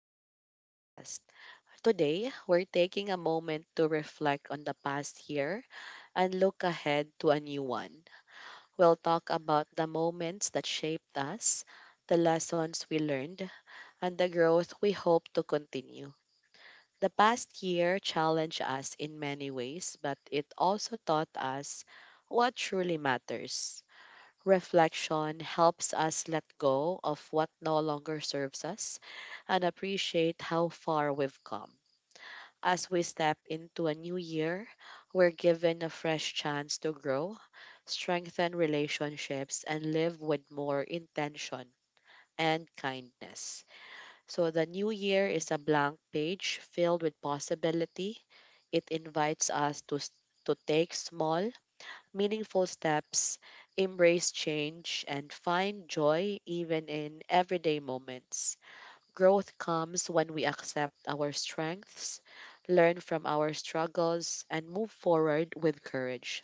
to our podcast. Today, we're taking a moment to reflect on the past year and look ahead to a new one. We'll talk about the moments that shaped us, the lessons we learned, and the growth we hope to continue. The past year challenged us in many ways, but it also taught us what truly matters. Reflection helps us let go of what no longer serves us and appreciate how far we've come. As we step into a new year, we're given a fresh chance to grow, strengthen relationships, and live with more intention and kindness. So, the new year is a blank page filled with possibility. It invites us to take small, meaningful steps, embrace change, and find joy even in everyday moments. Growth comes when we accept our strengths, learn from our struggles, and move forward with courage.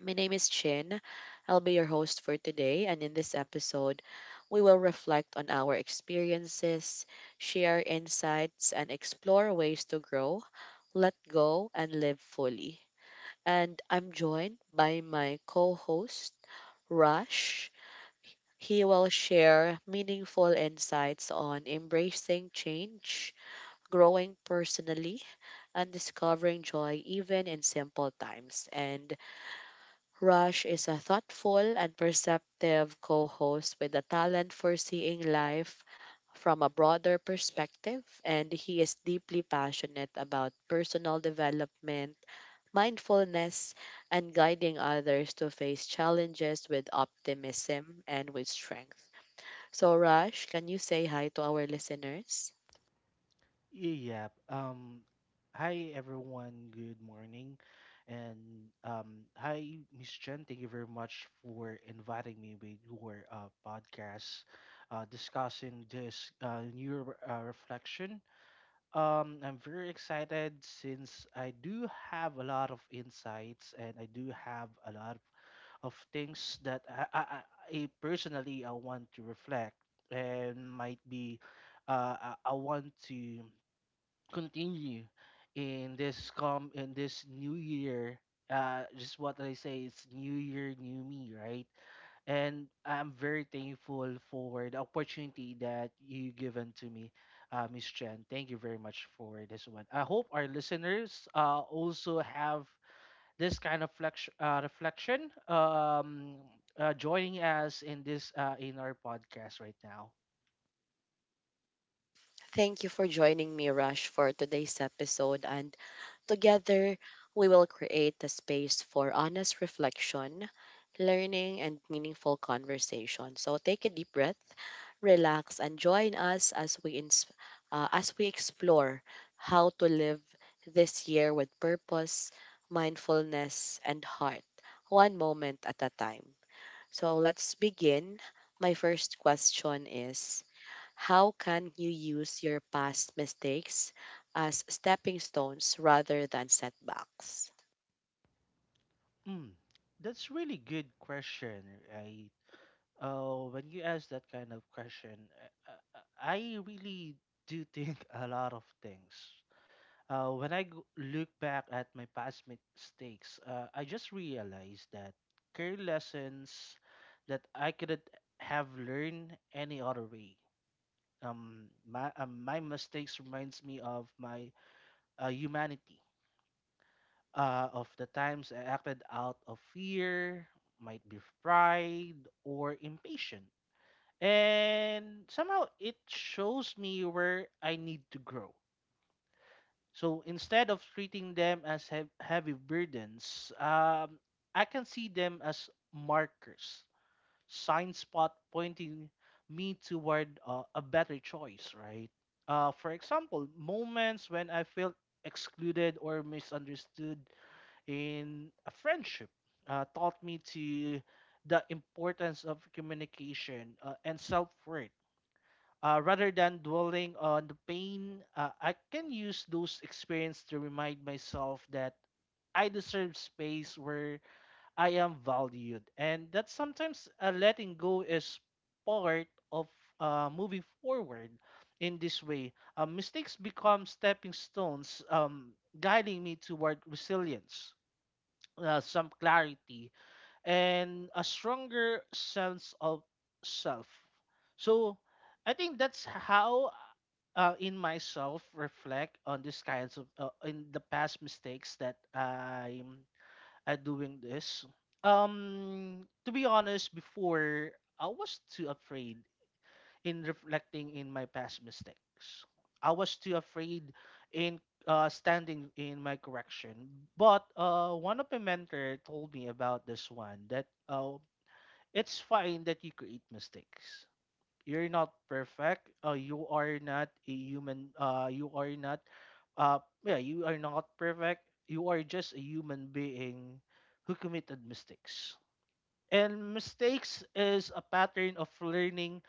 My name is Chin. I'll be your host for today, and in this episode, we will reflect on our experiences, share insights, and explore ways to grow, let go, and live fully, and I'm joined by my co host, Rush. He will share meaningful insights on embracing change, growing personally, and discovering joy even in simple times. And Rush is a thoughtful and perceptive co host with a talent for seeing life from a broader perspective, and he is deeply passionate about personal development, mindfulness, and guiding others to face challenges with optimism and with strength. So, Raj, can you say hi to our listeners? Yeah. Hi everyone. Good morning, and hi Miss Chen. Thank you very much for inviting me with your podcast, discussing this new reflection. I'm very excited since I do have a lot of insights and I do have a lot of things that I personally I want to reflect and might be I want to continue in this new year, just what I say, it's new year, new me, right? And I'm very thankful for the opportunity that you given to me, Miss Chen. Thank you very much for this one. I hope our listeners also have this kind of reflection, joining us in this in our podcast right now. Thank you for joining me, Rush, for today's episode. And together, we will create a space for honest reflection, learning, and meaningful conversation. So take a deep breath, relax, and join us as we explore how to live this year with purpose, mindfulness, and heart, one moment at a time. So let's begin. My first question is, how can you use your past mistakes as stepping stones rather than setbacks? mm, that's really good question, right? Oh, when you ask that kind of question, I really do think a lot of things. When I look back at my past mistakes, I just realized that career lessons that I couldn't have learned any other way. My mistakes reminds me of my humanity, of the times I acted out of fear, might be pride or impatience, and somehow it shows me where I need to grow. So instead of treating them as heavy burdens, I can see them as markers, sign spot pointing me toward a better choice, right? For example, moments when I felt excluded or misunderstood in a friendship taught me to the importance of communication and self worth. Uh, rather than dwelling on the pain, I can use those experiences to remind myself that I deserve space where I am valued, and that sometimes letting go is part of moving forward. In this way, mistakes become stepping stones, guiding me toward resilience, some clarity, and a stronger sense of self. So I think that's how in myself reflect on these kinds of in the past mistakes that I'm doing this. To be honest, before I was too afraid in reflecting in my past mistakes. I was too afraid in standing in my correction. But one of my mentor told me about this one, that it's fine that you create mistakes. You're not perfect. You are not a human. You are not. Uh, yeah, you are not perfect. You are just a human being who committed mistakes. And mistakes is a pattern of learning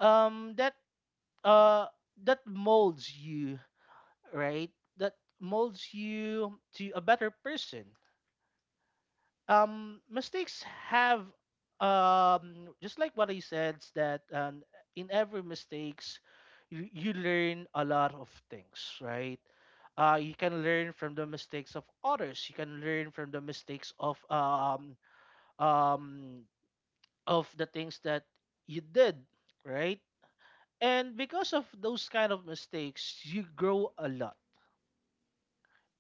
um that uh that molds you, right? That molds you to a better person. Um mistakes have, just like what I said, is that, in every mistakes you learn a lot of things, right? You can learn from the mistakes of others. You can learn from the mistakes um, of the things that you did, right? And because of those kind of mistakes,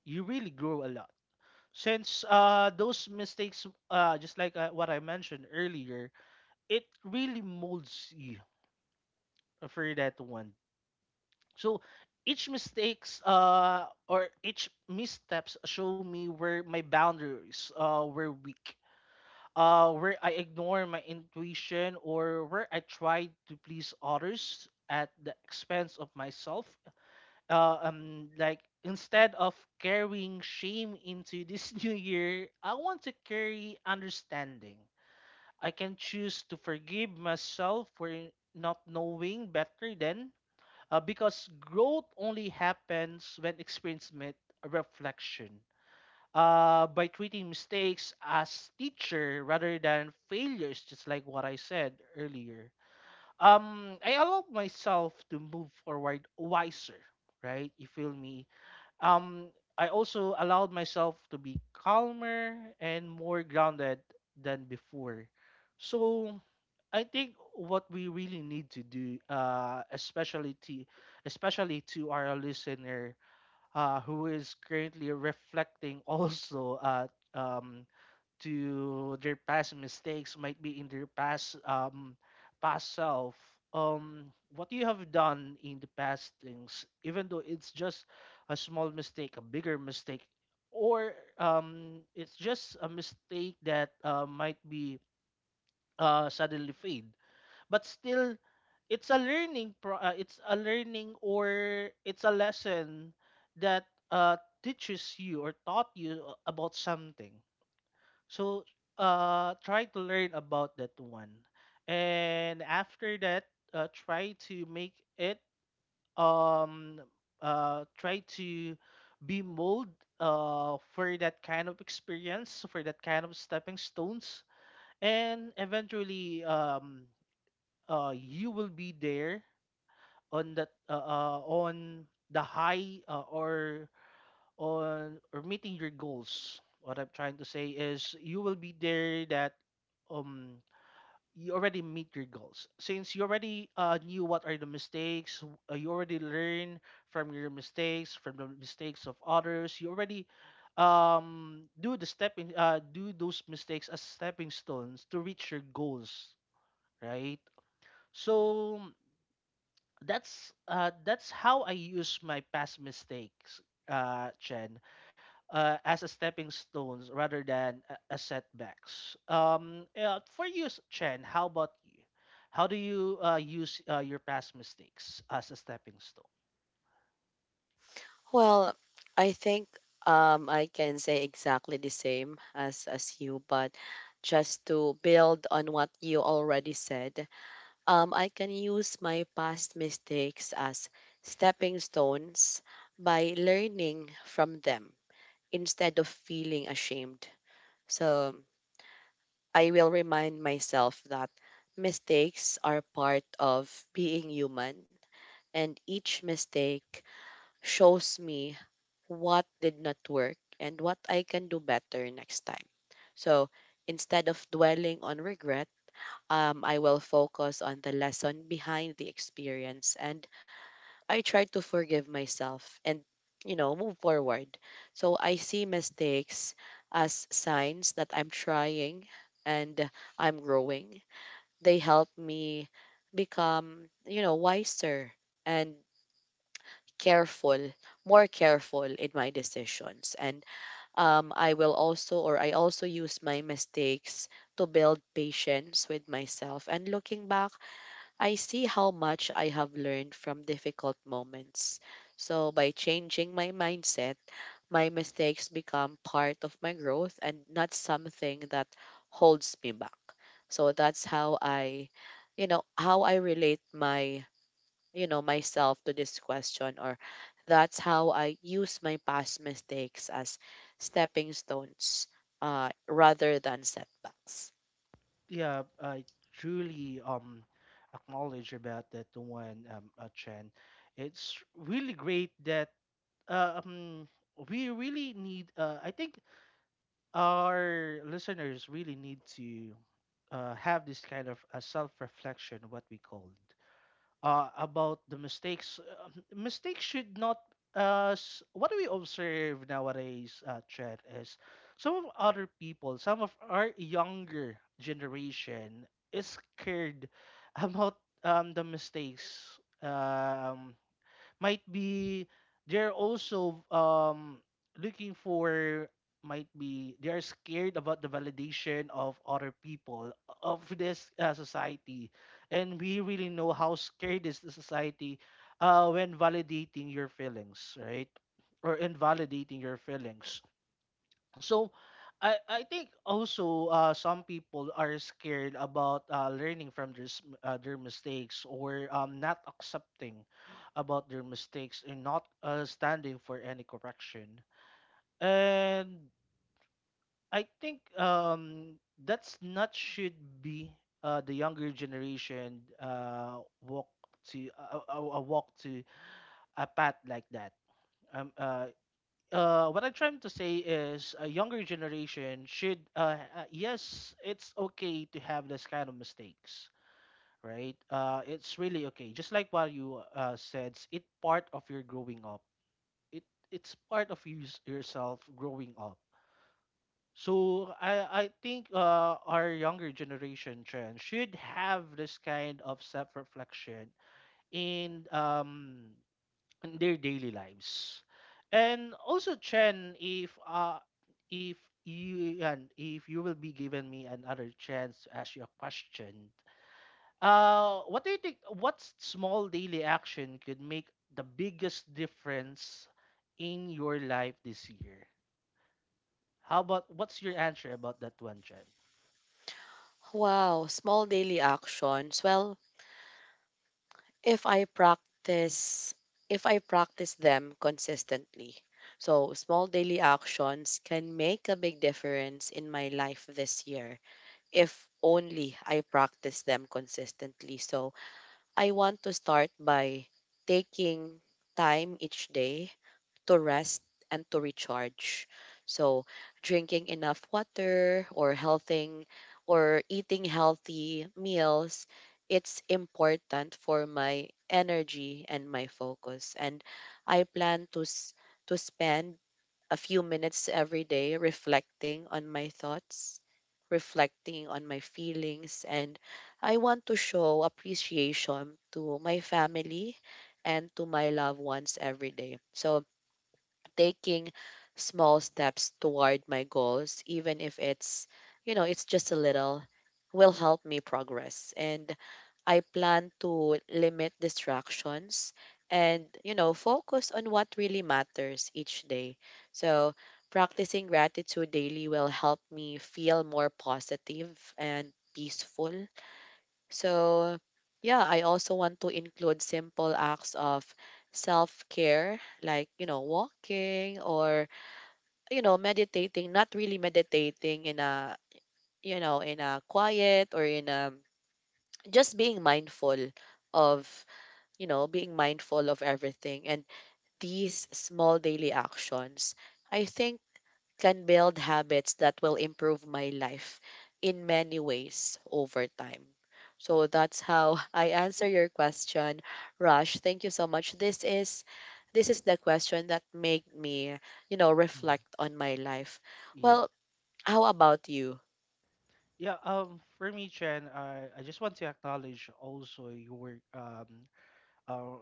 you really grow a lot, since those mistakes, just like what I mentioned earlier, it really molds you for that one. So each mistakes or each missteps show me where my boundaries were weak, where I ignore my intuition, or where I try to please others at the expense of myself. Like instead of carrying shame into this new year, I want to carry understanding. I can choose to forgive myself for not knowing better then, because growth only happens when experience met reflection. Uh, by treating mistakes as teacher rather than failures, just like what I said earlier, I allow myself to move forward wiser, right? You feel me. um I also allowed myself to be calmer and more grounded than before. So I think what we really need to do, especially to our listener, who is currently reflecting also, um, to their past mistakes, might be in their past self, what you have done in the past things, even though it's just a small mistake, a bigger mistake, or it's just a mistake that might be suddenly fade, but still it's a it's a learning, or it's a lesson that teaches you or taught you about something. So try to learn about that one. And after that, try to make it um try to be mold for that kind of experience, for that kind of stepping stones. And eventually, you will be there on that, on the high, or on or meeting your goals. What I'm trying to say is you will be there that, um you already meet your goals, since you already knew what are the mistakes, you already learn from your mistakes, from the mistakes of others. You already do those mistakes as stepping stones to reach your goals, right? So that's how I use my past mistakes, Chen, as a stepping stones rather than a setbacks. For you, Chen, how about you? How do you use your past mistakes as a stepping stone? Well, I think I can say exactly the same as you, but just to build on what you already said, I can use my past mistakes as stepping stones by learning from them instead of feeling ashamed. So I will remind myself that mistakes are part of being human, and each mistake shows me what did not work and what I can do better next time. So instead of dwelling on regret, I will focus on the lesson behind the experience, and I try to forgive myself and, you know, move forward. So I see mistakes as signs that I'm trying and I'm growing. They help me become, you know, wiser and careful, more careful in my decisions. And I will also, or I also use my mistakes to build patience with myself. And looking back, I see how much I have learned from difficult moments. So by changing my mindset, my mistakes become part of my growth and not something that holds me back. So that's how I, you know, how I relate my, you know, myself to this question, or that's how I use my past mistakes as stepping stones, rather than setbacks. Yeah, I truly acknowledge about that one, Chen. It's really great that, uh, um, we really need. I think our listeners really need to have this kind of self-reflection, what we call, about the mistakes. Mistakes should not. What we observe nowadays, Chet, is some of other people, some of our younger generation, is scared about the mistakes. Um, might be they're also looking for, might be they are scared about the validation of other people of this society. And we really know how scared is the society when validating your feelings, right? Or invalidating your feelings. So I think also some people are scared about learning from their mistakes, or not accepting about their mistakes and not standing for any correction. And I think that's not should be the younger generation walk to a walk to a path like that. Um, uh, what I'm trying to say is a younger generation should, yes, it's okay to have this kind of mistakes, right? It's really okay. Just like what you said, it's it part of your growing up. It it's part of you yourself growing up. So I think our younger generation trend should have this kind of self reflection and in their daily lives. And also, Chen, if you, and if you will be giving me another chance to ask you a question, what do you think? What small daily action could make the biggest difference in your life this year? How about what's your answer about that one, Chen? Wow, small daily actions. Well, if I practice if I practice them consistently. So small daily actions can make a big difference in my life this year if only I practice them consistently. So I want to start by taking time each day to rest and to recharge. So, drinking enough water or healthing or eating healthy meals, it's important for my energy and my focus. And I plan to spend a few minutes every day reflecting on my thoughts, reflecting on my feelings, and I want to show appreciation to my family and to my loved ones every day. So taking small steps toward my goals, even if it's, you know, it's just a little, will help me progress. And I plan to limit distractions and, you know, focus on what really matters each day. So, practicing gratitude daily will help me feel more positive and peaceful. So, yeah, I also want to include simple acts of self care, like, you know, walking or, you know, meditating, not really meditating in a, you know, in a quiet or in a, just being mindful of, you know, being mindful of everything. And these small daily actions, I think, can build habits that will improve my life in many ways over time. So that's how I answer your question, Rush. Thank you so much. This is the question that made me, you know, Mm, reflect on my life. Yeah. Well, how about you? Yeah, for me, Chen, I just want to acknowledge also your uh,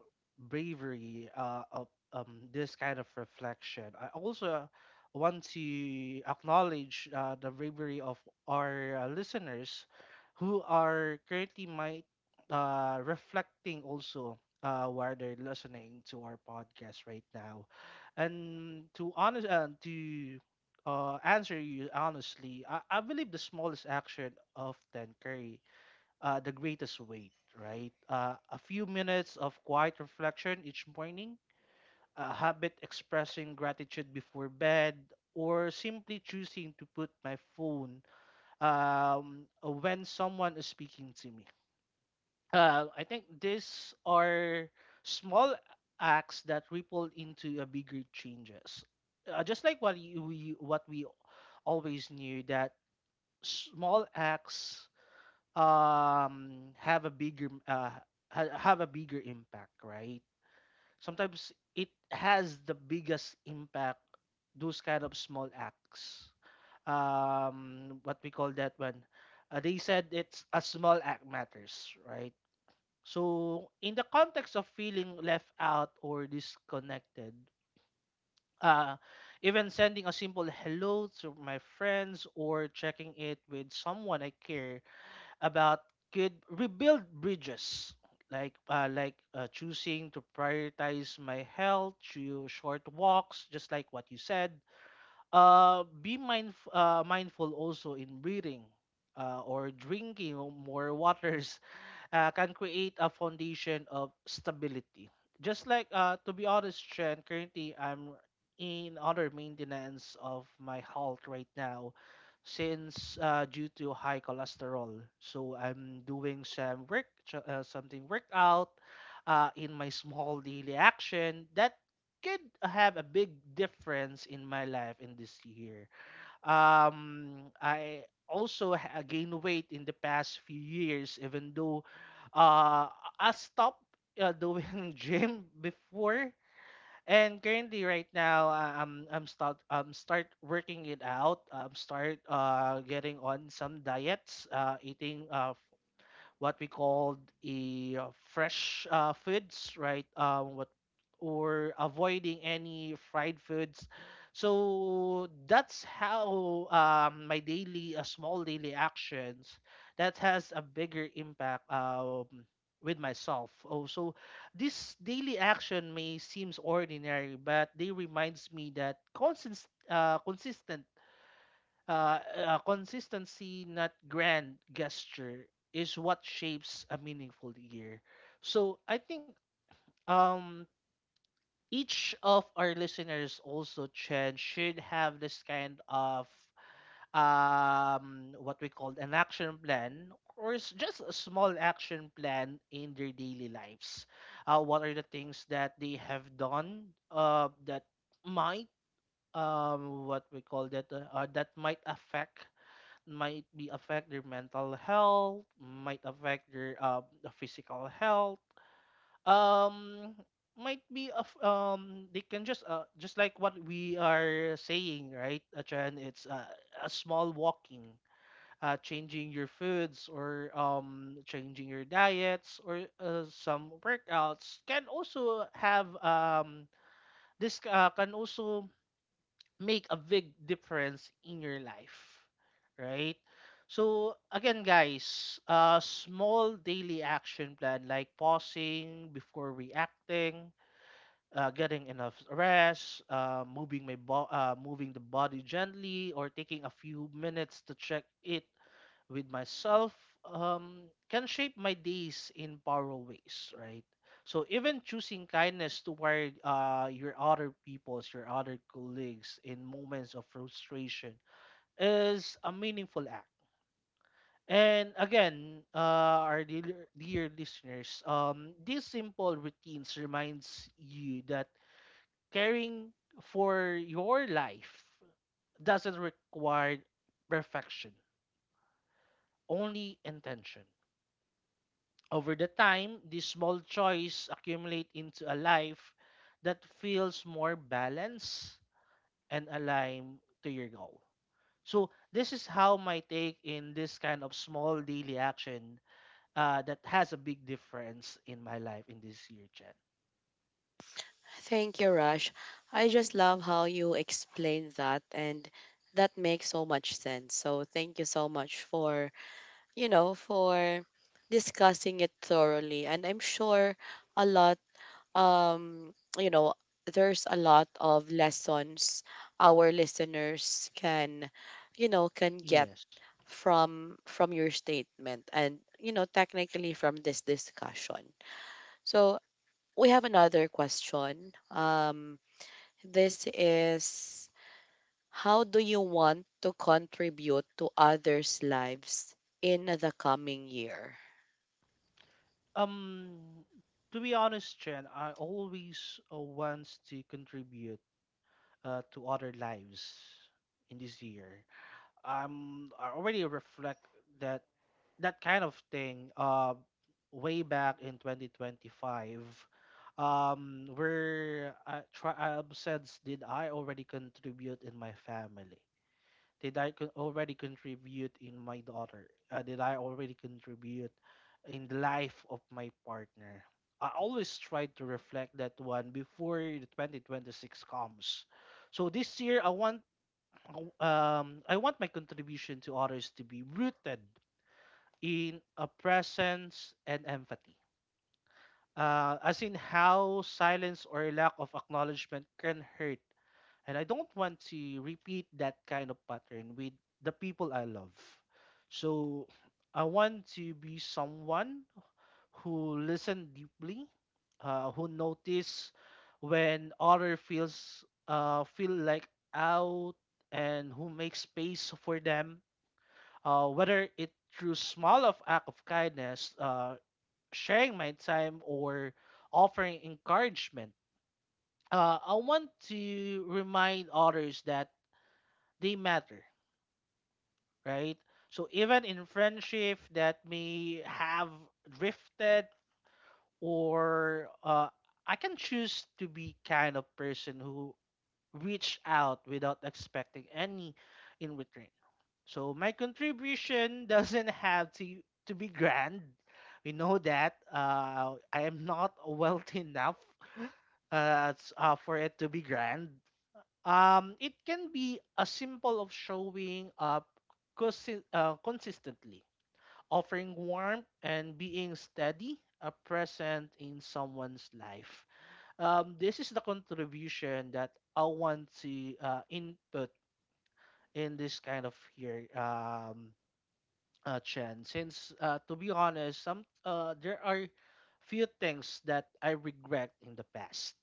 bravery of this kind of reflection. I also want to acknowledge the bravery of our listeners who are currently might reflecting also while they're listening to our podcast right now. And to honest to answer you honestly, I believe the smallest action often carry the greatest weight, right? A few minutes of quiet reflection each morning, a habit expressing gratitude before bed, or simply choosing to put my phone when someone is speaking to me. I think these are small acts that ripple into a bigger changes. Just like what you- we what we always knew, that small acts have a bigger have a bigger impact, right? Sometimes it has the biggest impact, those kind of small acts, what we call that one, they said it's a small act matters, right? So in the context of feeling left out or disconnected, uh even sending a simple hello to my friends or checking it with someone I care about could rebuild bridges. Like choosing to prioritize my health through short walks, just like what you said, be mindful also in breathing, or drinking more waters can create a foundation of stability. Just like, to be honest, Chen, currently I'm in other maintenance of my health right now, since due to high cholesterol. So I'm doing some something workout in my small daily action that could have a big difference in my life in this year. I also gained weight in the past few years, even though uh, I stopped doing gym before. And currently, right now, I'm start working it out. Start getting on some diets, eating what we called a fresh foods, right? What or avoiding any fried foods. So that's how my daily, small daily actions that has a bigger impact with myself. Oh, so this daily action may seems ordinary, but they reminds me that consistent consistency, not grand gesture, is what shapes a meaningful year. So I think um, each of our listeners also, Chen, should have this kind of what we call an action plan or just a small action plan in their daily lives. What are the things that they have done that might what we call that that might affect might be affect their mental health, might affect their the physical health. Um, might be of they can just like what we are saying, right, Achan, it's a small walking, changing your foods or changing your diets or some workouts can also have this can also make a big difference in your life, right? So again, guys, a small daily action plan like pausing before reacting, getting enough rest, moving the body gently, or taking a few minutes to check it with myself can shape my days in powerful ways, right? So even choosing kindness toward your other peoples, your other colleagues in moments of frustration is a meaningful act. And again, our dear, dear listeners, these simple routines reminds you that caring for your life doesn't require perfection, only intention. Over the time, these small choices accumulate into a life that feels more balanced and aligned to your goal. So this is how my take in this kind of small daily action that has a big difference in my life in this year, Chen. Thank you, Rush. I just love how you explain that, and that makes so much sense. So thank you so much for, you know, for discussing it thoroughly. And I'm sure a lot, you know, there's a lot of lessons our listeners can, you know, can get Yes. From your statement, and you know technically from this discussion. So we have another question. This is, how do you want to contribute to others' lives in the coming year? Um, to be honest, Chen, I always wants to contribute to other lives in this year. I already reflect that that kind of thing way back in 2025, where I said, did I already contribute in my family, already contribute in my daughter, did I already contribute in the life of my partner? I always try to reflect that one before the 2026 comes. So this year I want, I want my contribution to others to be rooted in a presence and empathy. As in how silence or lack of acknowledgement can hurt. And I don't want to repeat that kind of pattern with the people I love. So I want to be someone who listen deeply, who notice when other feel like out, and who makes space for them, whether it through small of act of kindness, sharing my time or offering encouragement. I want to remind others that they matter, right? So even in friendship that may have drifted or I can choose to be kind of person who reach out without expecting any in return. So my contribution doesn't have to be grand. We know that I am not wealthy enough for it to be grand. It can be a symbol of showing up consistently, offering warmth and being steady, present in someone's life. This is the contribution that I want to input in this kind of here, Chen. Since to be honest, some there are few things that I regret in the past,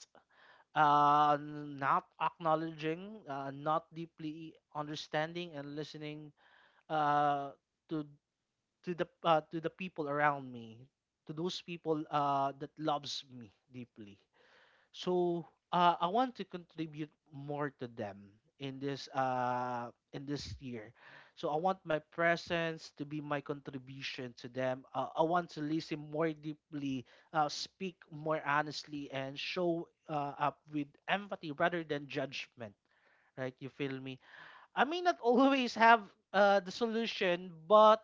uh, not acknowledging, not deeply understanding and listening uh, to to the people around me, to those people that loves me deeply. So I want to contribute more to them in this in this year. So I want my presence to be my contribution to them. I want to listen more deeply, speak more honestly, and show up with empathy rather than judgment. Right? You feel me? I may not always have the solution, but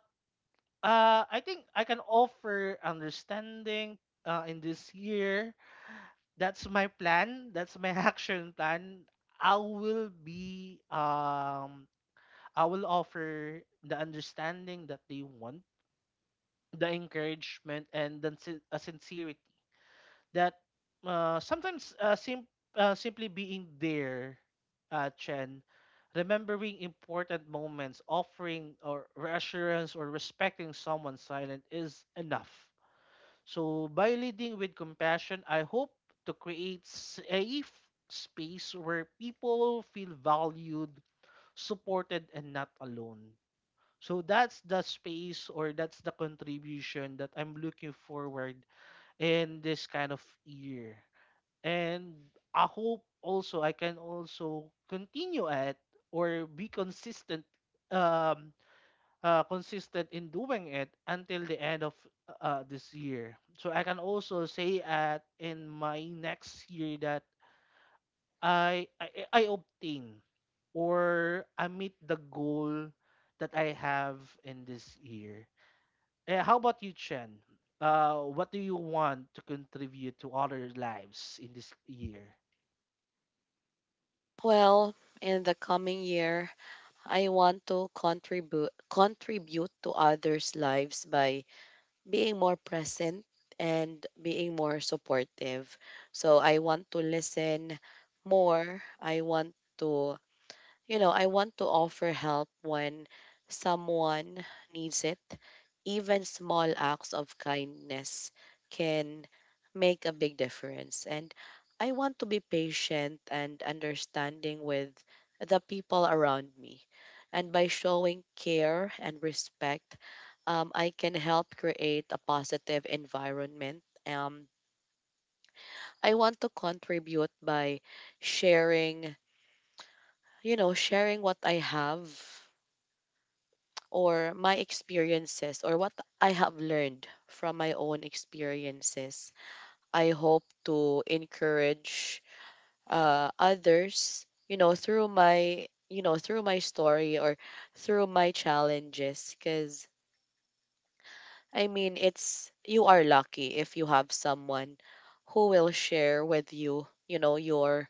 I think I can offer understanding in this year. That's my plan. That's my action plan. I will be um I will offer the understanding that they want, the encouragement and the sincerity that sometimes simply being there, Chen, remembering important moments, offering or reassurance or respecting someone silent is enough. So by leading with compassion, I hope to create safe space where people feel valued, supported, and not alone. So that's the space or that's the contribution that I'm looking forward in this kind of year. And I hope also I can also continue at or be consistent, um consistent in doing it until the end of this year. So I can also say at in my next year that I obtain or I meet the goal that I have in this year. Eh, how about you, Chen? What do you want to contribute to other lives in this year? Well, in the coming year, I want to contribute to others' lives by being more present and being more supportive. So I want to listen more. I want to, you know, I want to offer help when someone needs it. Even small acts of kindness can make a big difference. And I want to be patient and understanding with the people around me. And by showing care and respect, I can help create a positive environment. I want to contribute by sharing, you know, sharing what I have or my experiences or what I have learned from my own experiences. I hope to encourage, others, you know, through my, you know, through my story or through my challenges. Because, I mean, it's, you are lucky if you have someone who will share with you, you know, your,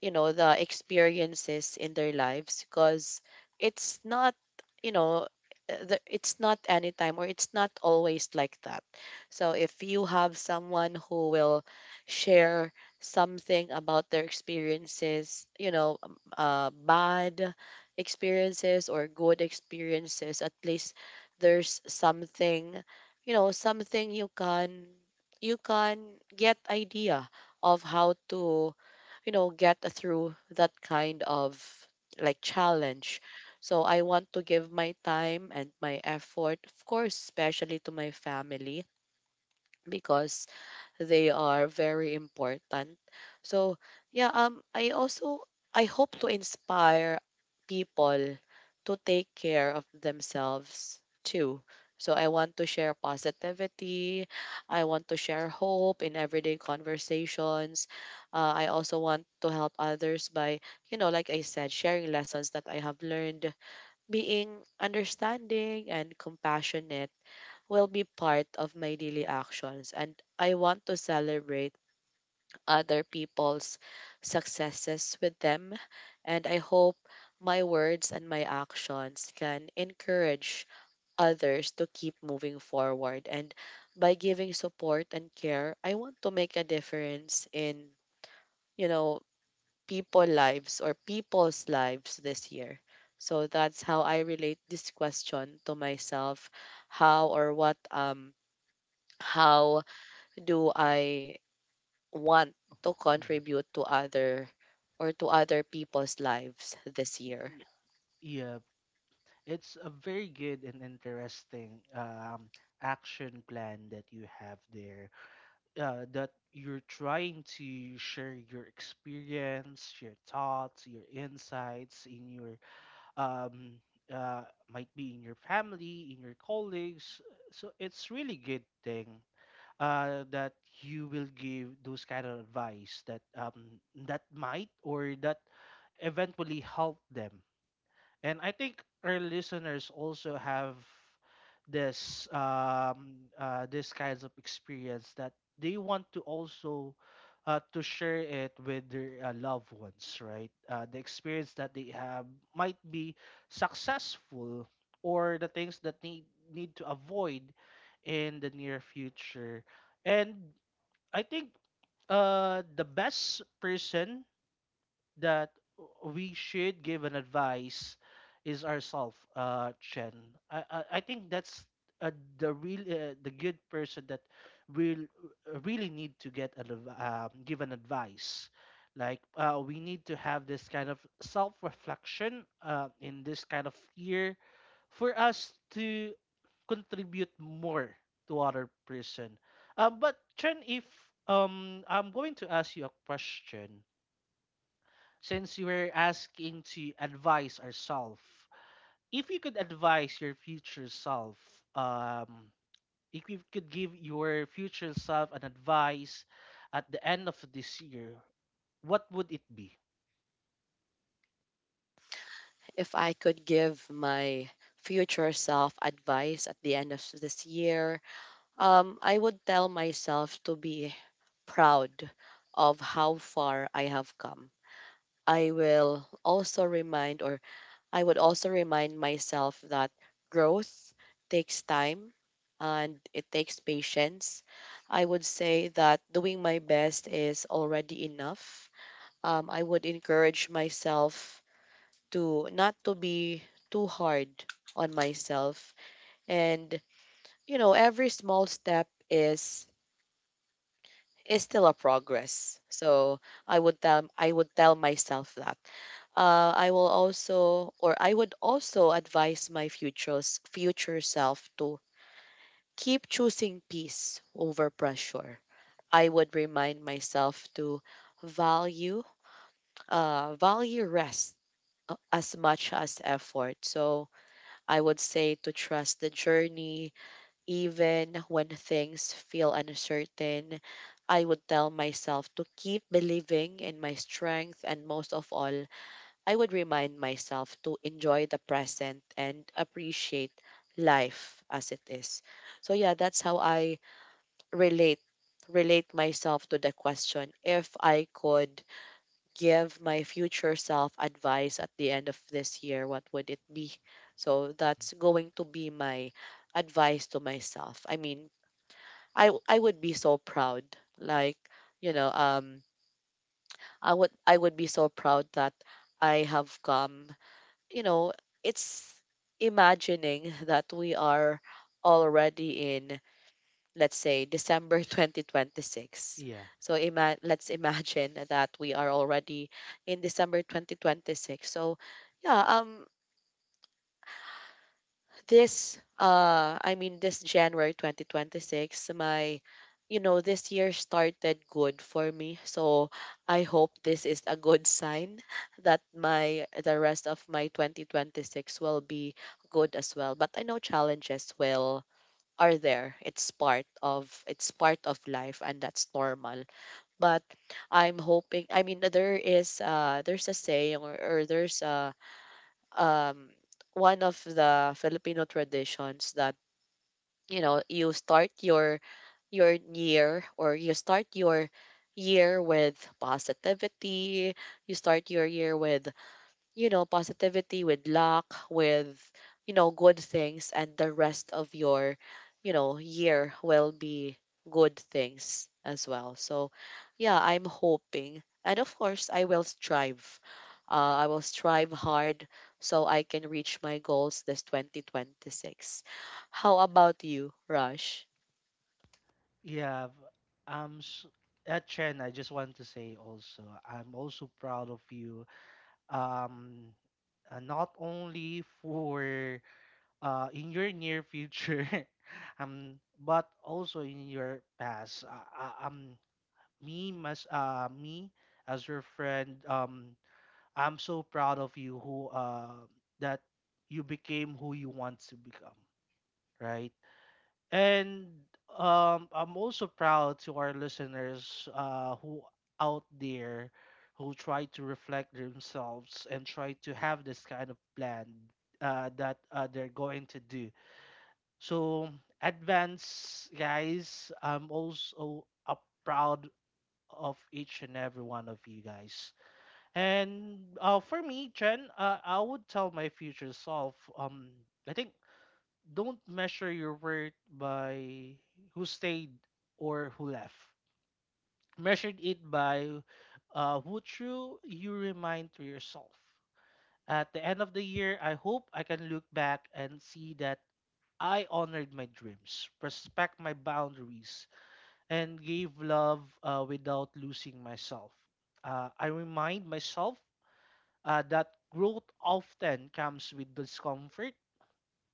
you know, the experiences in their lives, because it's not, you know, it's not anytime, or it's not always like that. So if you have someone who will share something about their experiences, you know, bad experiences or good experiences, at least there's something, you know, something you can, you can get idea of how to, you know, get through that kind of like challenge. So I want to give my time and my effort, of course, especially to my family because they are very important. So yeah, um, I also, I hope to inspire people to take care of themselves too. So I want to share positivity. I want to share hope in everyday conversations. I also want to help others by, you know, like I said, sharing lessons that I have learned. Being understanding and compassionate will be part of my daily actions, and I want to celebrate other people's successes with them, and I hope my words and my actions can encourage others to keep moving forward. And by giving support and care, I want to make a difference in, you know, people lives or people's lives this year. So that's how I relate this question to myself, how or what, um, how do I want to Mhm. contribute to other or to other people's lives this year? Y- Yeah, it's a very good and interesting action plan that you have there. That you're trying to share your experience, your thoughts, your insights in your um uh might be in your family, in your colleagues. So it's really good thing that you will give those kind of advice that that might or that eventually help them and I think our listeners also have this this kinds of experience that they want to also to share it with their loved ones, right? The experience that they have might be successful or the things that they need to avoid in the near future. And I think the best person that we should give an advice is ourself, Chen. I think that's uh, the real the good person that will really need to get an adv- give an advice. Like we need to have this kind of self reflection in this kind of year for us to contribute more to other person. But Chen, if I'm going to ask you a question, since you were asking to advise ourselves, if you could advise your future self, um, if you could give your future self an advice at the end of this year, what would it be? If I could give my future self advice at the end of this year, I would tell myself to be proud of how far I have come. I will also remind, or I would also remind myself that growth takes time and it takes patience. I would say that doing my best is already enough. I would encourage myself to not to be too hard on myself, and you know every small step is still a progress. So I would tell myself that, I will also, or I would also advise my futures, future self to keep choosing peace over pressure. I would remind myself to value, value rest, as much as effort. So I would say to trust the journey, even when things feel uncertain. I would tell myself to keep believing in my strength, and most of all, I would remind myself to enjoy the present and appreciate life as it is. So yeah, that's how I relate relate myself to the question, if I could give my future self advice at the end of this year, what would it be? So Mhm. that's going to be my advice to myself. I mean, I would be so proud. Like, you know, um, I would be so proud that I have come, you know, it's imagining that we are already in, let's say, December 2026. Yeah, So let's imagine that we are already in December 2026. So yeah, this I mean this January 2026 my this year started good for me. So I hope this is a good sign that my the rest of my 2026 will be good as well, but I know challenges will are there. It's part of life, and that's normal. But I'm hoping. I mean, there's a saying, or there's a um, one of the Filipino traditions that you start your year or you start your year with positivity. You start your year with positivity, with luck, with, good things, and the rest of your, year will be good things as well. So, yeah, I'm hoping. And of course, I will strive. I will strive hard so I can reach my goals this 2026. How about you, Rush? yeah. v- s Chen, I just want to say also, I'm also proud of you. Um, Not only for in your near future, um, but also in your past. Me as your friend, I'm so proud of you who that you became who you want to become, right? And I'm also proud to our listeners who out there who try to reflect themselves and try to have this kind of plan that they're going to do. So, advance guys, I'm also a proud of each and every one of you guys. And for me, Jen, I would tell my future self, I think don't measure your worth by who stayed or who left. Measure it by who true you remind to yourself. At the end of the year, I hope I can look back and see that I honored my dreams, respect my boundaries, and gave love without losing myself. I remind myself that growth often comes with discomfort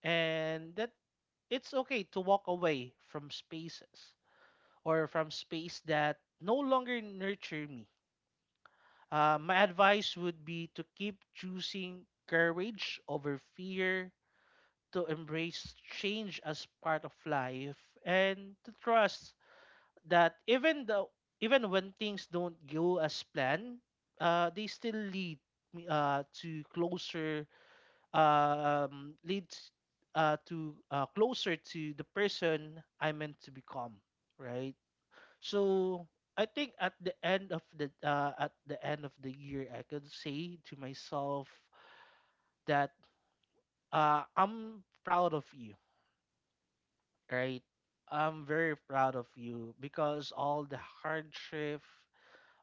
and that it's okay to walk away from spaces or from space that no longer nurture me. My advice would be to keep choosing courage over fear, to embrace change as part of life, and to trust that even when things don't go as planned, they still lead me, to closer leads to closer to the person I meant to become, right? So I think at the end of the at the end of the year, I could say to myself that I'm proud of you, right? I'm very proud of you because all the hardship,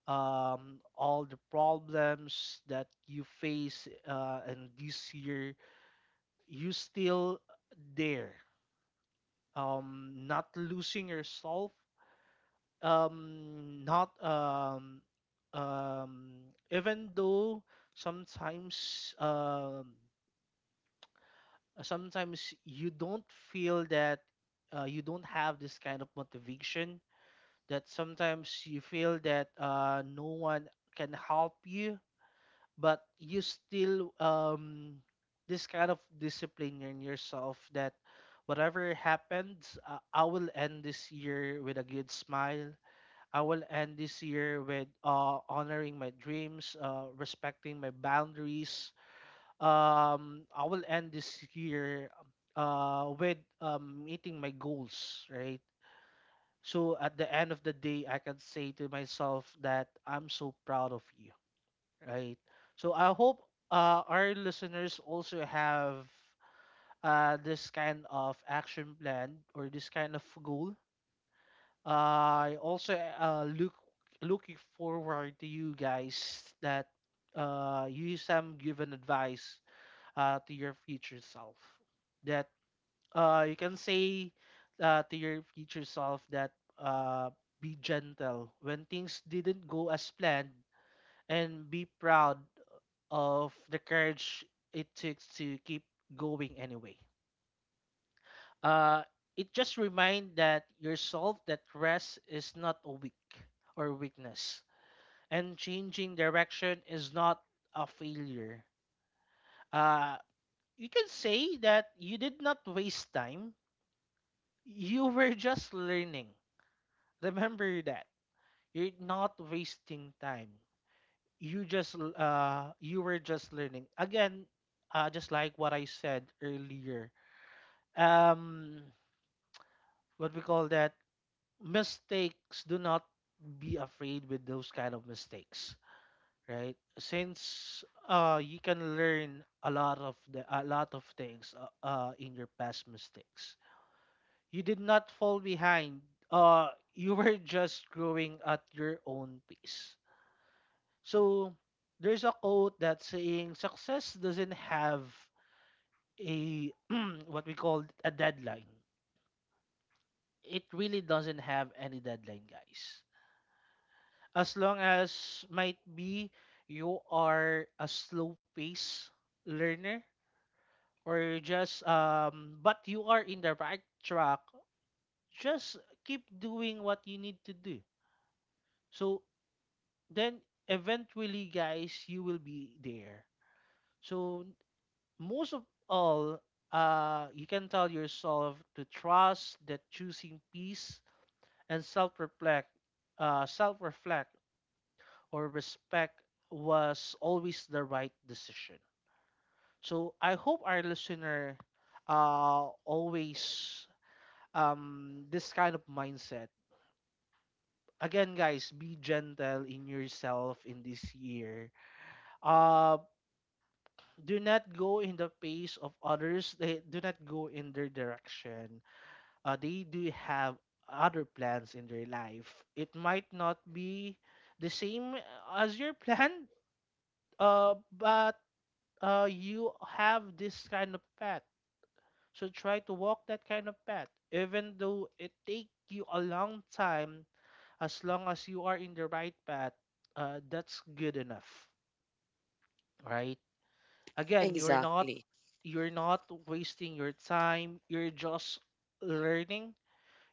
all the problems that you face and this year, you still there, not losing yourself, not um, even though sometimes, sometimes you don't feel that you don't have this kind of motivation, that sometimes you feel that no one can help you, but you still this kind of discipline in yourself that whatever happens, I will end this year with a good smile. I will end this year with, honoring my dreams, respecting my boundaries, I will end this year with meeting my goals, right? So at the end of the day I can say to myself that I'm so proud of you. Right. So I hope our listeners also have this kind of action plan or this kind of goal. I also looking forward to you guys that you some given advice to your future self that you can say to your future self that uh, be gentle when things didn't go as planned, and be proud of the courage it took to keep going anyway. Uh, it just remind that yourself that rest is not a weak or weakness, and changing direction is not a failure. Uh, you can say that you did not waste time. You were just learning. Remember that you're not wasting time. You just you were just learning again. Just like what I said earlier, um what we call that, mistakes, do not be afraid with those kind of mistakes, right? Since you can learn a lot of things in your past mistakes. You did not fall behind. uh you were just growing at your own pace. So there's a quote that's saying success doesn't have a what we call a deadline. It really doesn't have any deadline, guys. As long as might be you are a slow pace learner or you just but you are in the right track, just keep doing what you need to do. So then eventually, guys, you will be there. So most of all, you can tell yourself to trust that choosing peace and self reflect or respect was always the right decision. So I hope our listener always this kind of mindset. Again, guys, be gentle in yourself in this year. Uh, do not go in the pace of others. They do not go in their direction. They do have other plans in their life. It might not be the same as your plan, but you have this kind of path. So try to walk that kind of path, even though it take you a long time. As long as you are in the right path, that's good enough, right? Again, you're not Exactly. you're not wasting your time. You're just learning.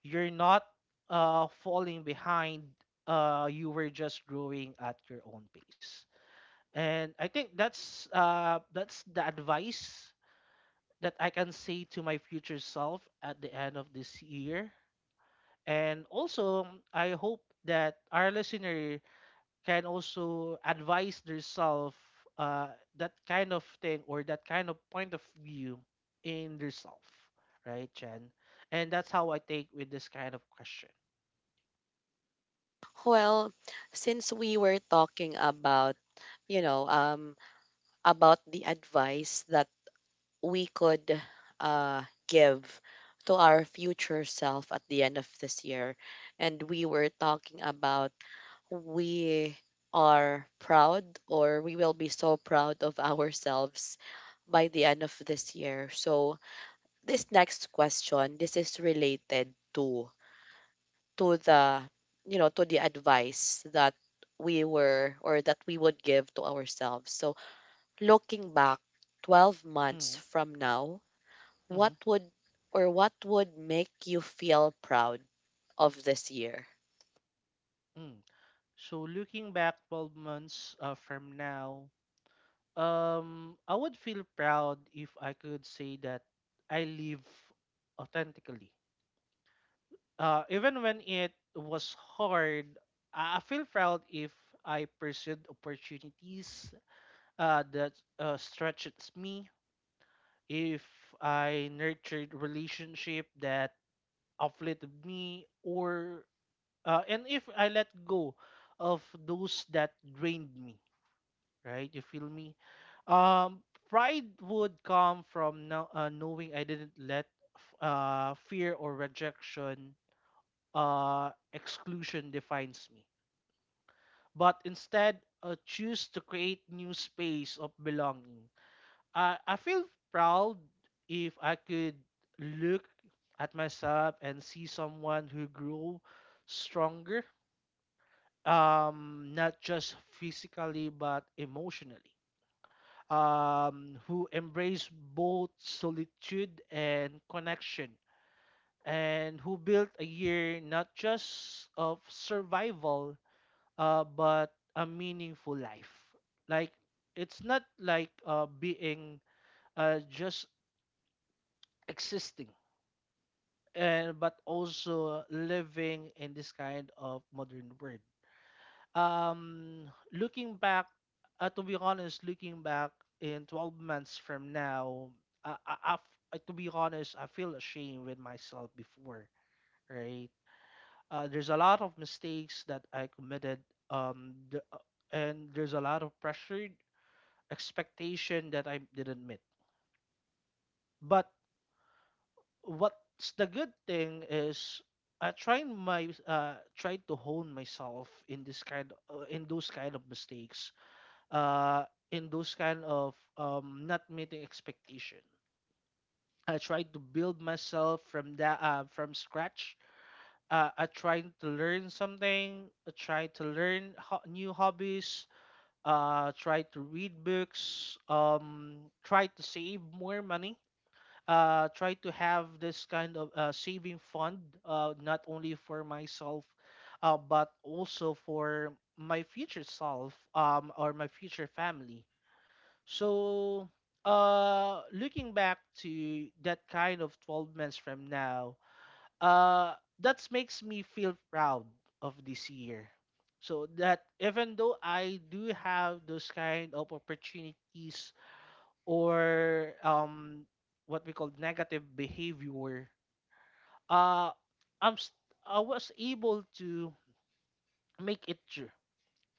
You're not falling behind. You were just growing at your own pace. And I think that's the advice that I can say to my future self at the end of this year. And also, I hope that our listener can also advise themselves, uh, that kind of thing or that kind of point of view in themselves, right, Chen? And that's how I take with this kind of question. Well, since we were talking about you know um about the advice that we could uh, give to our future self at the end of this year. And we were talking about we are proud, or we will be so proud of ourselves by the end of this year. So this next question, this is related to the to the advice that we were or that we would give to ourselves. So looking back 12 months Mm-hmm. from now, what Mm-hmm. would what would make you feel proud of this year? Mm. So looking back 12 months from now, I would feel proud if I could say that I live authentically. Even when it was hard, I feel proud if I pursued opportunities that stretches me, if I nurtured relationship that uplifted me, or and if I let go of those that drained me, right? You feel me? Um, Pride would come from knowing I didn't let fear or rejection, exclusion defines me, but instead choose to create new space of belonging. I feel proud if I could look at myself and see someone who grew stronger, not just physically but emotionally, who embraced both solitude and connection, and who built a year not just of survival, but a meaningful life. Like, it's not like being just existing, and, but also living in this kind of modern world. Looking back To be honest, looking back in 12 months from now, uh, I, I, f- to be honest, I feel ashamed with myself before, right? There's a lot of mistakes that I committed, um the, uh, and there's a lot of pressure expectation that I didn't meet. But what's the good thing is I try my try to hone myself in this kind in those kind of mistakes, uh, in those kind of not meeting expectation. I tried to build myself from scratch. I tried to learn something. I tried to learn new hobbies. Tried to read books. Tried to save more money. Tried to have this kind of saving fund, not only for myself, but also for my future self, or my future family. So, looking back to that kind of 12 months from now, uh, that makes me feel proud of this year. So that even though I do have those kind of opportunities or what we call negative behavior, uh, I'm st- I was able to make it true,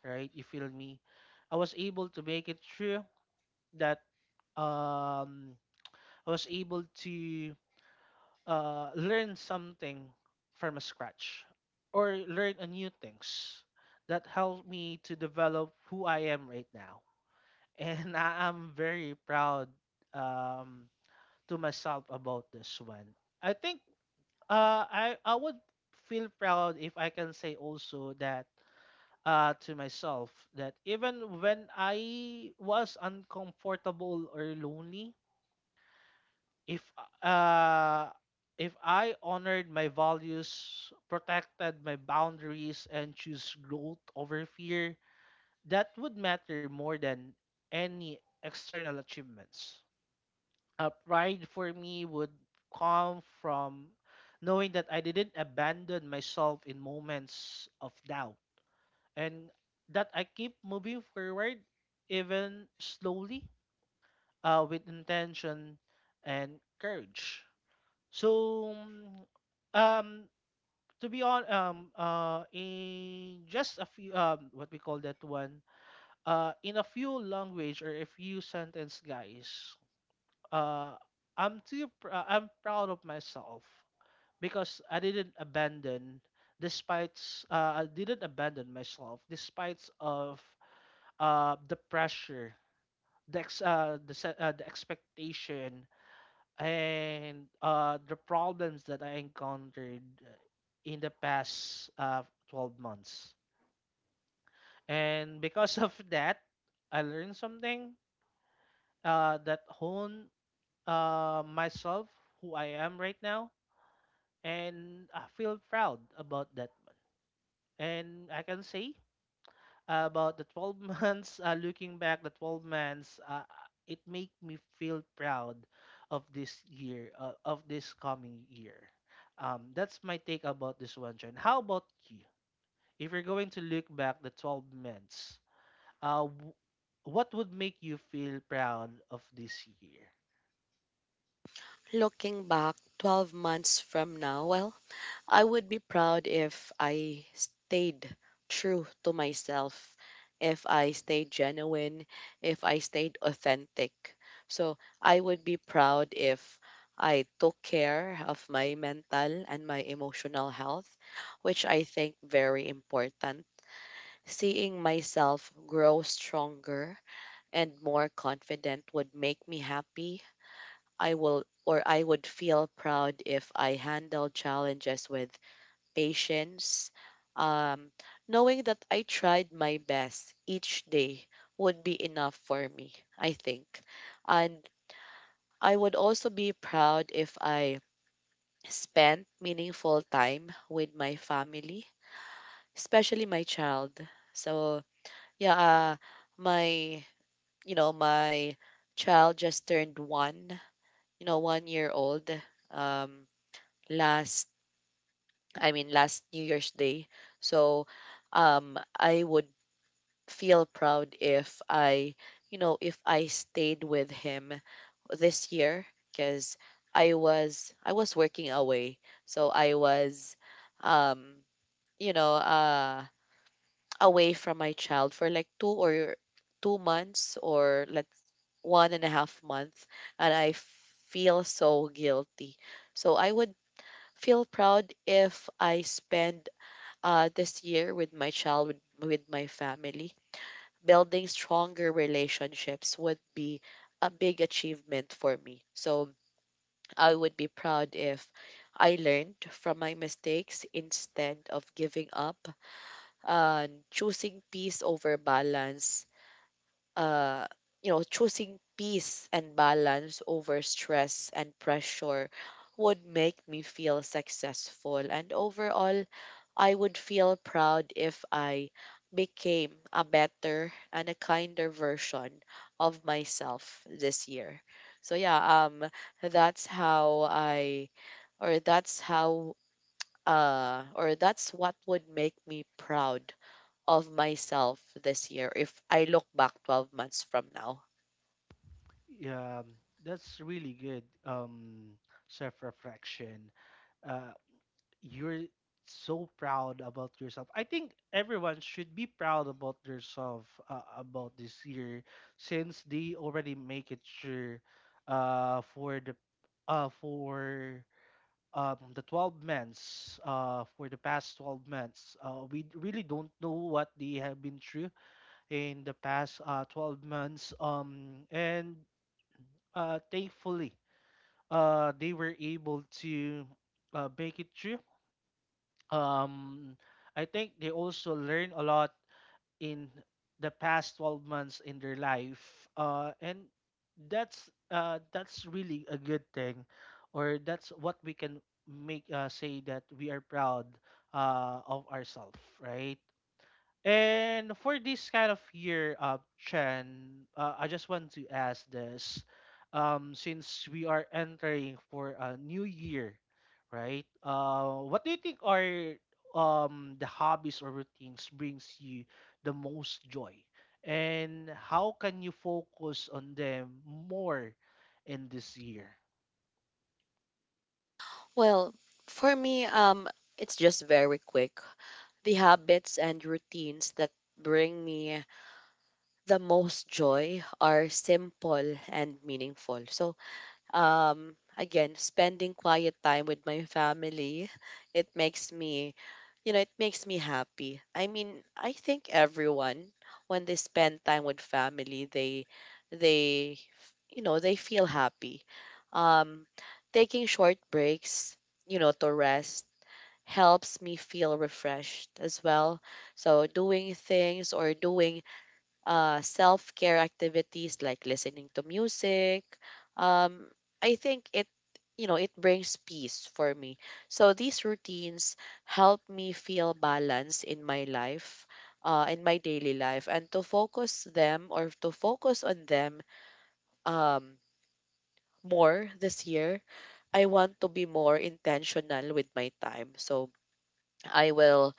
right? You feel me? I was able to make it true that um I was able to learn something from scratch or learn a new things that helped me to develop who I am right now. And I am very proud, um, to myself about this one. I think I would feel proud if I can say also that to myself that even when I was uncomfortable or lonely, if uh if I honored my values, protected my boundaries, and choose growth over fear, that would matter more than any external achievements. Pride for me would come from knowing that I didn't abandon myself in moments of doubt, and that I keep moving forward, even slowly, with intention and courage. so, mm, um, to be on, in just a few, what we call that one, in a few language or a few sentence, guys, uh, I'm I'm proud of myself because I didn't abandon, despite, I didn't abandon myself despite of, the pressure, the expectation, and the problems that I encountered in the past 12 months. And because of that, I learned something that honed myself, who I am right now, and I feel proud about that one. And I can say about the 12 months, looking back the 12 months, it make me feel proud of this year, of this coming year. That's my take about this one, John. How about you? If you're going to look back the 12 months, uh, w- what would make you feel proud of this year? Looking back 12 months from now, well, I would be proud if I stayed true to myself, if I stayed genuine, if I stayed authentic. So I would be proud if I took care of my mental and my emotional health, which I think very important. Seeing myself grow stronger and more confident would make me happy. I will or I would feel proud if I handle challenges with patience. Um, knowing that I tried my best each day would be enough for me, I think. And I would also be proud if I spent meaningful time with my family, especially my child. So, yeah, my, my child just turned one, 1 year old, um, last, I mean, last New Year's Day. So I would feel proud if I, if I stayed with him this year, because I was working away. So I was, um, you know, uh, away from my child for like 2 or 2 months, or let's 1.5 month, and I feel so guilty. So I would feel proud if I spend this year with my child, with my family. Building stronger relationships would be a big achievement for me. So I would be proud if I learned from my mistakes instead of giving up and choosing peace over balance. Uh, choosing peace and balance over stress and pressure would make me feel successful, and overall I would feel proud if I became a better and a kinder version of myself this year. So yeah, that's how I or that's how or that's what would make me proud of myself this year if I look back 12 months from now. Yeah, that's really good self-reflection. uh, you're so proud about yourself. I think everyone should be proud about themselves, about this year, since they already make it sure uh for the for the 12 months, for the past 12 months. Really don't know what they have been through in the past 12 months. And Thankfully, they were able to make it through. um, I think they also learn a lot in the past 12 months in their life, and that's really a good thing, or that's what we can make, say that we are proud of ourselves, right? And for this kind of year up trend, I just want to ask this. Since we are entering for a new year, right? What do you think are the hobbies or routines brings you the most joy? And how can you focus on them more in this year? Well, for me, it's just very quick. The habits and routines that bring me the most joy are simple and meaningful. So, again, spending quiet time with my family, it makes me, it makes me happy. I mean, I think everyone, when they spend time with family, they, they feel happy. Um, taking short breaks, to rest helps me feel refreshed as well. So doing things, or doing self care activities like listening to music. Um, I think it brings peace for me. So these routines help me feel balance in my life, in my daily life, and to focus them or to focus on them, um, more this year. I want to be more intentional with my time. So I will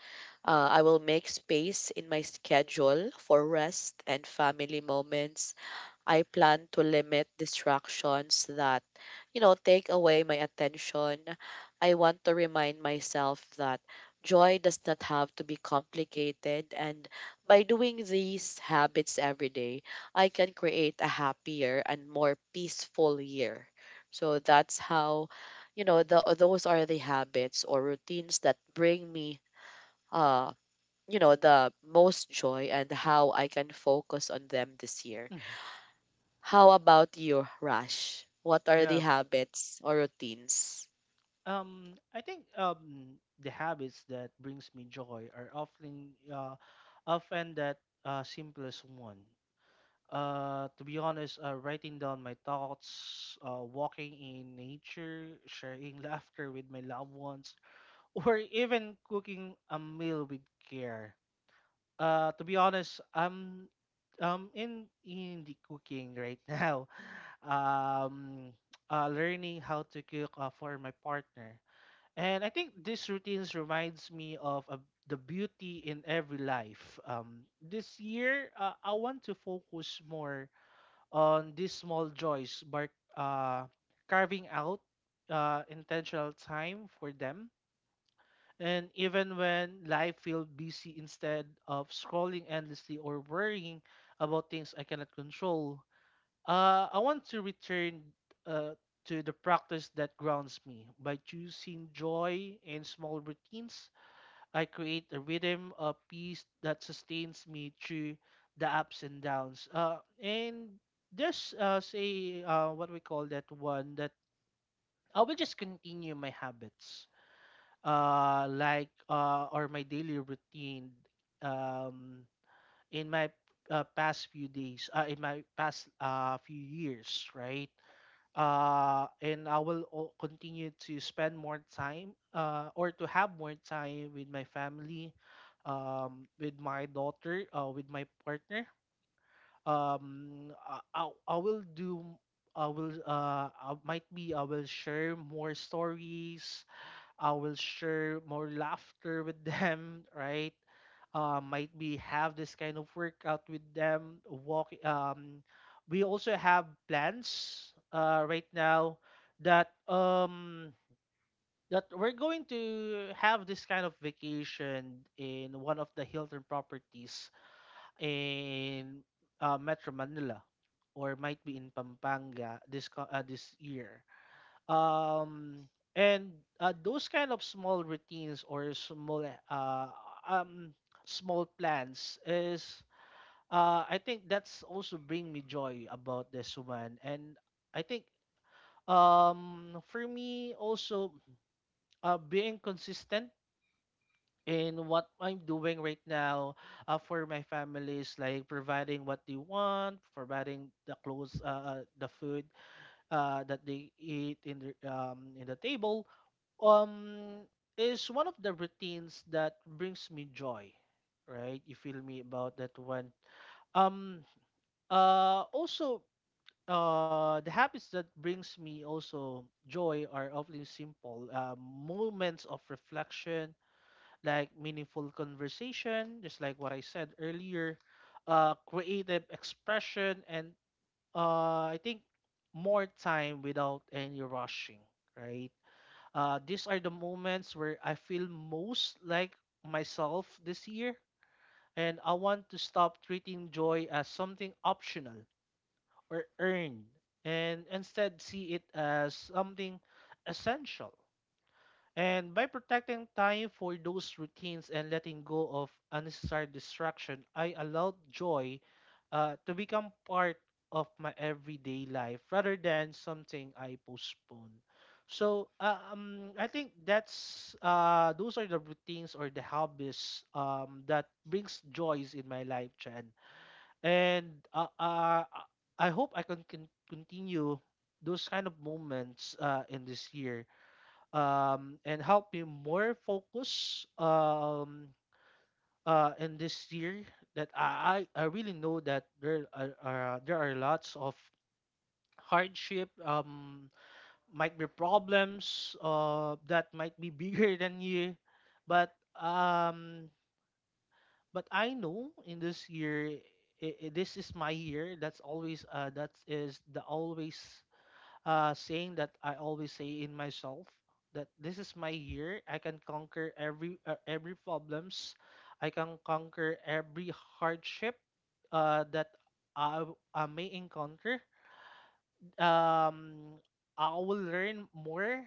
I will make space in my schedule for rest and family moments. I plan to limit distractions that take away my attention. I want to remind myself that joy does not have to be complicated. And by doing these habits every day, I can create a happier and more peaceful year. So that's how, the, those are the habits or routines that bring me, uh, the most joy, and how I can focus on them this year. Mhm. How about you, Rush? What are the Yeah. habits or routines? I think the habits that brings me joy are often that simplest one. To be honest, writing down my thoughts, walking in nature, sharing laughter with my loved ones, or even cooking a meal with care. To be honest, I'm in the cooking right now. Um, Learning how to cook for my partner, and I think these routines reminds me of the beauty in every life. This year, I want to focus more on these small joys, by uh, carving out intentional time for them. And even when life feels busy, instead of scrolling endlessly or worrying about things I cannot control, I want to return uh, to the practice that grounds me. By choosing joy in small routines, I create a rhythm of peace that sustains me through the ups and downs. And just Say, what we call that one, that I will just continue my habits, or my daily routine. Um, in my past few days, in my past few years, right? And I will continue to spend more time, or to have more time with my family, with my daughter, with my partner. I will do. I will. I might be. I will share more stories. I will share more laughter with them, right? Might be have this kind of workout with them. Walk. We also have plans right now that that we're going to have this kind of vacation in one of the Hilton properties in Metro Manila, or might be in Pampanga this year. Um and those kind of small routines or um small plans is I think that's also bring me joy about this one. And I think for me also, being consistent in what I'm doing right now, for my families, like providing what they want, providing the clothes, the food that they eat in the table, um is one of the routines that brings me joy, right? You feel me about that one? um Also, the habits that brings me also joy are often simple moments of reflection, like meaningful conversation, just like what I said earlier, creative expression, and I think more time without any rushing, right? These are the moments where I feel most like myself this year, and I want to stop treating joy as something optional or earned, and instead see it as something essential. And by protecting time for those routines and letting go of unnecessary distraction, I allowed joy to become part of my everyday life rather than something I postpone. So I think that's those are the routines or the hobbies, that brings joys in my life, Chen. And I hope I can continue those kind of moments in this year, and help me more focus, in this year, that I really know that there are there are lots of hardship, might be problems that might be bigger than you. But um, but I know in this year this is my year. That's always, that is the always saying that I always say in myself, that this is my year. I can conquer every problems. I can conquer every hardship that I, I may encounter. Um, I will learn more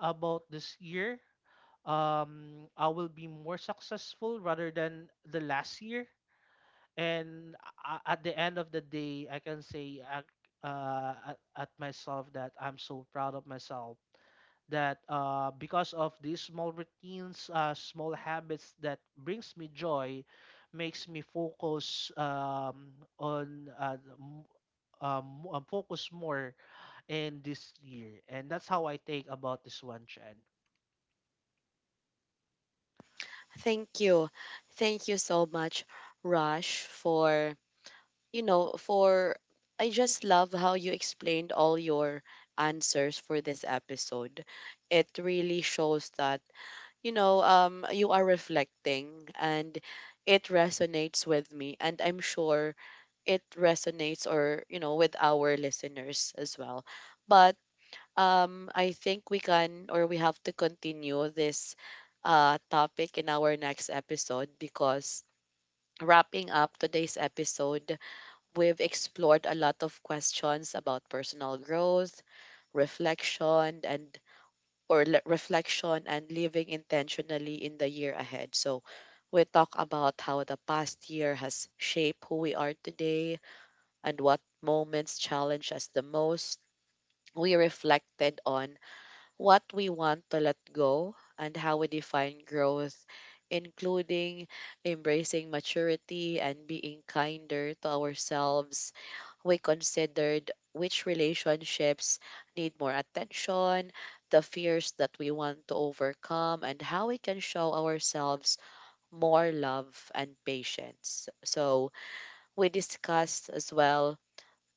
about this year. I will be more successful rather than the last year. And at the end of the day, I can say at myself that I'm so proud of myself, that because of these small routines, small habits that brings me joy, makes me focus, on uh, m- focus more in this year, and that's how I think about this one, Chen. Thank you. Thank you so much, Rush, for, you know, for, I just love how you explained all your answers for this episode. It really shows that, you are reflecting, and it resonates with me. And I'm sure it resonates, or, with our listeners as well. But I think we can, or we have to, continue this topic in our next episode, because wrapping up today's episode, we've explored a lot of questions about personal growth, reflection, reflection, and living intentionally in the year ahead. So we talk about how the past year has shaped who we are today and what moments challenge us the most. We reflected on what we want to let go, and how we define growth, including embracing maturity and being kinder to ourselves. We considered which relationships need more attention, the fears that we want to overcome, and how we can show ourselves more love and patience. So, we discussed as well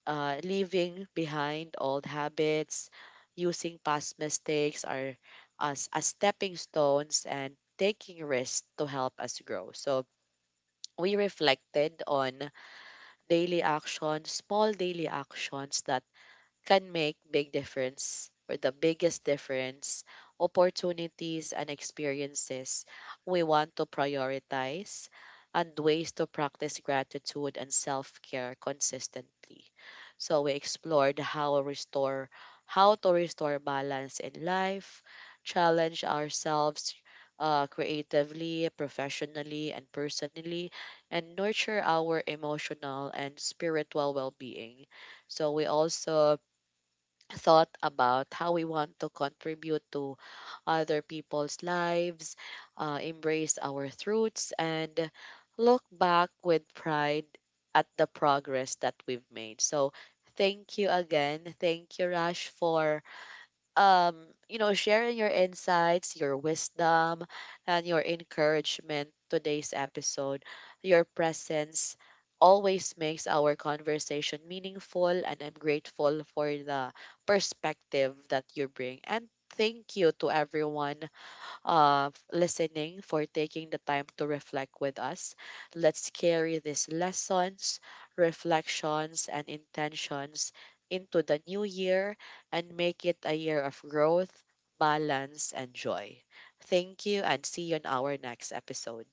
leaving behind old habits, using past mistakes are as stepping stones, and taking risks to help us grow. So we reflected on daily actions, small daily actions that can make big difference, or the biggest difference, opportunities and experiences we want to prioritize, and ways to practice gratitude and self-care consistently. So we explored how to restore balance in life, challenge ourselves creatively, professionally, and personally, and nurture our emotional and spiritual well-being. So we also thought about how we want to contribute to other people's lives, embrace our roots, and look back with pride at the progress that we've made. So, thank you again. Thank you, Rash, for um, sharing your insights, your wisdom, and your encouragement today's episode. Your presence always makes our conversation meaningful, and I'm grateful for the perspective that you bring. And thank you to everyone listening, for taking the time to reflect with us. Let's carry these lessons, reflections, and intentions into the new year and make it a year of growth, balance, and joy. Thank you, and see you on our next episode.